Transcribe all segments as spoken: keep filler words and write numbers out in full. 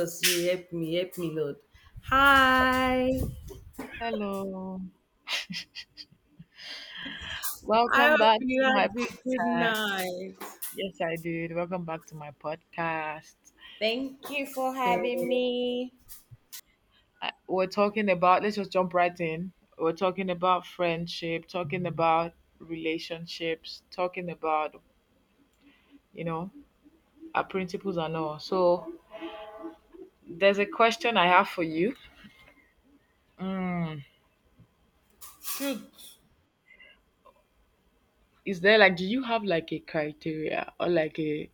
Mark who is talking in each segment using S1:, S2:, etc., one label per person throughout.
S1: Jesus, you help me, help me, Lord. Hi.
S2: Hello.
S1: I
S2: Welcome
S1: hope
S2: back
S1: you
S2: to my
S1: had a good
S2: podcast.
S1: night.
S2: Yes, I did. Welcome back to my podcast.
S1: Thank you for having
S2: Okay.
S1: me.
S2: I- We're talking about, let's just jump right in. We're talking about friendship, talking about relationships, talking about, you know, our principles and all. So there's a question I have for you. Mm.
S1: Hmm,
S2: Is there like, do you have like a criteria or like a,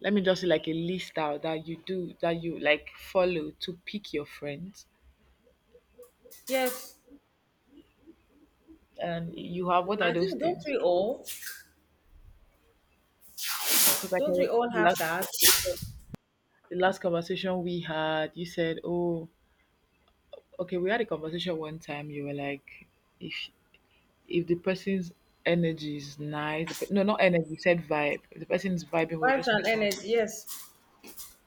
S2: let me just say like a list out that you do, that you like follow to pick your friends?
S1: yes,
S2: And you have, what are
S1: I
S2: those
S1: think don't
S2: things?
S1: we all?
S2: Because I
S1: Don't we
S2: can
S1: all have
S2: remember
S1: that?
S2: the last conversation, the last conversation we had. You said, "Oh, okay, we had a conversation one time. You were like, if if the person's energy is nice, the, pe- no, not energy. You said vibe. If the person is vibing, we're
S1: Vibes
S2: just
S1: and
S2: metal.
S1: energy. Yes.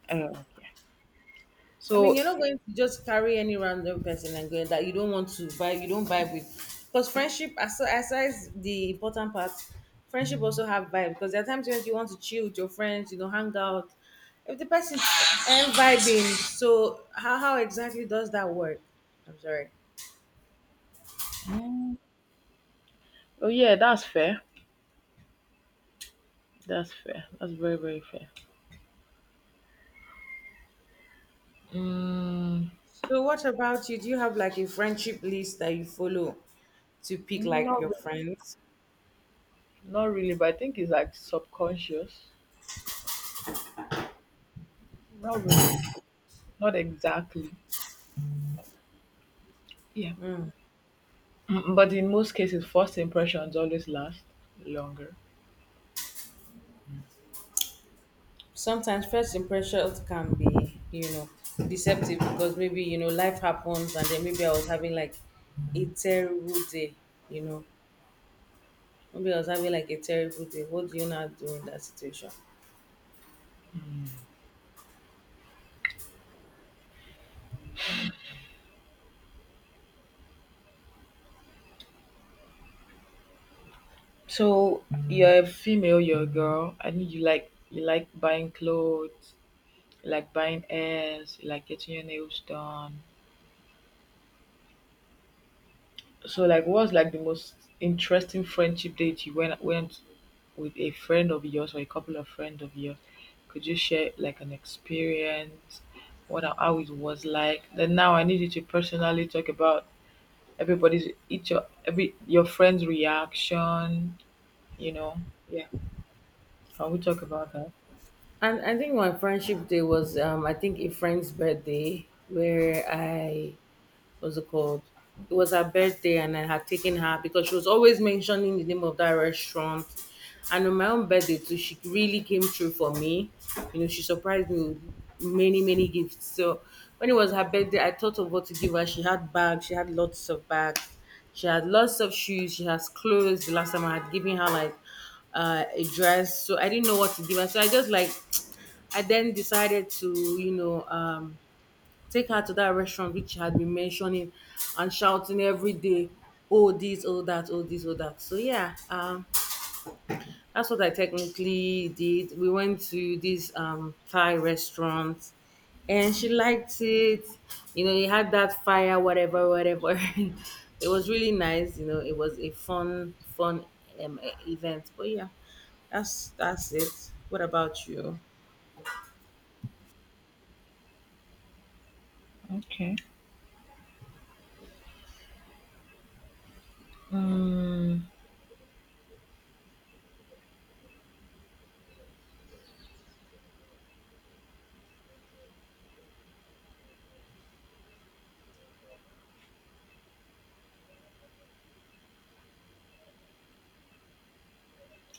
S2: Uh,
S1: I mean,
S2: so,
S1: you're not going to just carry any random person and going that you don't want to vibe, you don't vibe with. Because friendship, as aside the important part, friendship also have vibe. Because there are times when you want to chill with your friends, you know, hang out. If the person ain't vibing, so how, how exactly does that work? I'm sorry.
S2: mm, oh yeah, that's fair. That's fair. That's very very fair. Mm,
S1: So what about you? Do you have like a friendship list that you follow to pick like
S2: not
S1: your
S2: really,
S1: friends?
S2: not really, but I think it's like subconscious. Not really, not exactly. Yeah. Mm, But in most cases, first impressions always last longer.
S1: Sometimes first impressions can be you know deceptive because maybe you know life happens and then maybe I was having like a terrible day, you know, maybe I was having like a terrible day. What do you now do in that situation?
S2: So you're a female, you're a girl. I think you like, you like buying clothes, you like buying airs, you like getting your nails done. So like, what's like the most interesting friendship date you went went with a friend of yours or a couple of friends of yours? Could you share like an experience? What, how it was like? Then now I need you to personally talk about everybody's, each your every your friend's reaction, you know, yeah, can we talk about that?
S1: And I think my friendship day was, um, I think, a friend's birthday where I, what's it called? It was her birthday, and I had taken her because she was always mentioning the name of that restaurant. And on my own birthday too, she really came through for me. You know, she surprised me with many, many gifts. So when it was her birthday, I thought of what to give her. She had bags. She had lots of bags. She had lots of shoes. She has clothes. The last time I had given her like uh, a dress, so I didn't know what to give her. So I just like I then decided to, you know, um, take her to that restaurant which she had been mentioning and shouting every day, oh, this, oh, that, oh, this, oh, that. So, yeah, um, that's what I technically did. We went to this um, Thai restaurant and she liked it. You know, it had that fire, whatever, whatever. It was really nice. You know, it was a fun, fun um, e- event. But yeah, that's that's it. What about you?
S2: Okay. mm,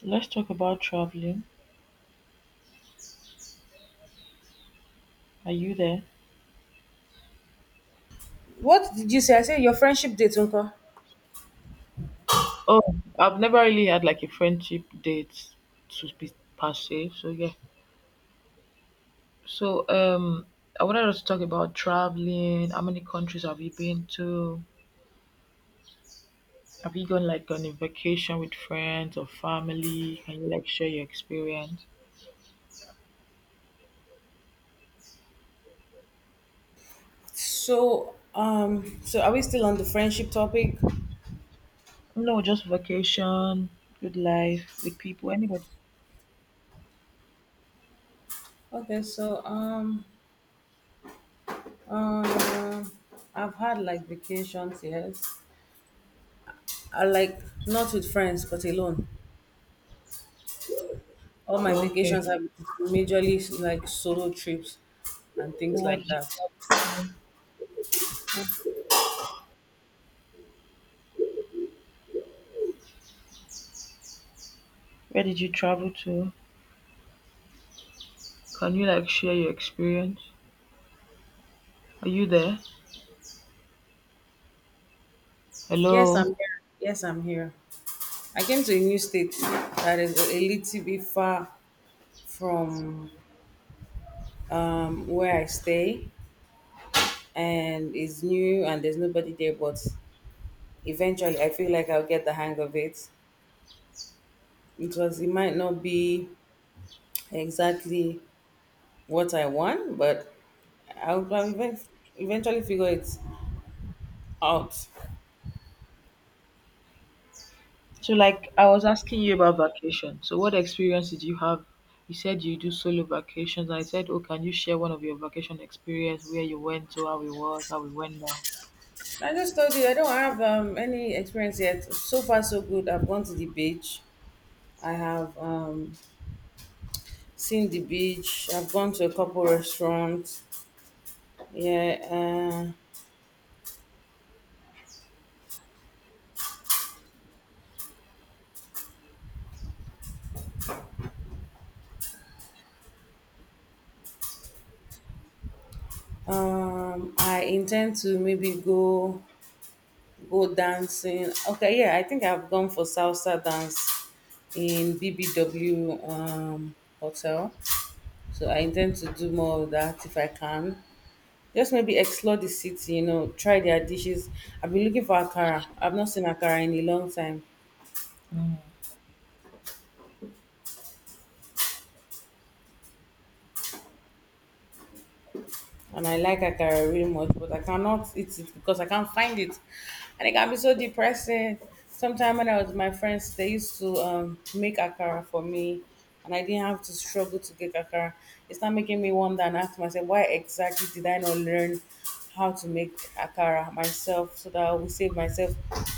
S2: let's talk about traveling. Are you there?
S1: What did you say? I said your friendship date, Uncle.
S2: Oh, I've never really had like a friendship date to be per se, so yeah. So um, I wanted us to talk about traveling. How many countries have you been to? Have you gone like on a vacation with friends or family? Can you like share your experience?
S1: So, um, so are we still on the friendship topic?
S2: No, just vacation, good life with people, anybody.
S1: Okay, so um, um, I've had like vacations, yes. I like not with friends, but alone. All my
S2: Oh, okay.
S1: vacations are majorly like solo trips and
S2: So
S1: things
S2: where
S1: like
S2: did you
S1: that.
S2: travel? Where did you travel to? Can you like share your experience? Are you there?
S1: Yes, I'm
S2: Hello.
S1: here. Yes, I'm here. I came to a new state that is a little bit far from um where I stay. And it's new and there's nobody there, but eventually I feel like I'll get the hang of it because it might not be exactly what I want, but I'll probably ev- eventually figure it out.
S2: So like I was asking you about vacation. So what experience did you have? You said you do solo vacations. I said, oh, can you share one of your vacation experience where you went to, how it was, how it went down?
S1: I just told you I don't have um, any experience yet. So far so good, I've gone to the beach. I have um, seen the beach. I've gone to a couple restaurants, yeah. uh, um, I intend to maybe go go dancing. Okay, yeah, I think I've gone for salsa dance in B B W um, hotel. So I intend to do more of that if I can. Just maybe explore the city, you know, try their dishes. I've been looking for akara. I've not seen akara in a long time.
S2: Mm.
S1: And I like akara really much, but I cannot eat it because I can't find it, and it can be so depressing. Sometime when I was with my friends, they used to um, make akara for me, and I didn't have to struggle to get akara. It's not making me wonder and ask myself why exactly did I not learn how to make akara myself so that I will save myself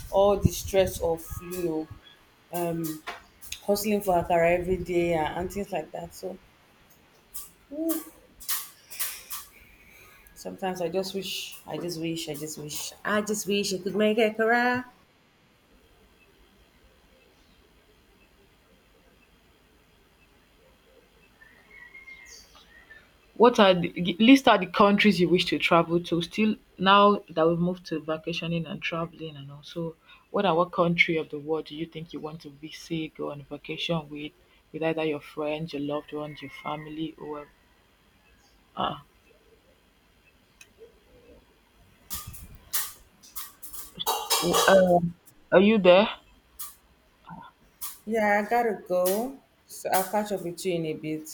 S1: all the stress of you know hustling for akara every day, and, and things like that. So. Sometimes I just wish, I just wish, I just wish, I just wish I could make a career.
S2: What are the g- list out the countries you wish to travel to, still now that we've moved to vacationing and traveling and all. So what are, what country of the world do you think you want to visit, go on vacation with, with either your friends, your loved ones, your family, or uh, w- um, are you there?
S1: Yeah, I gotta go. So I'll catch up with you in a bit.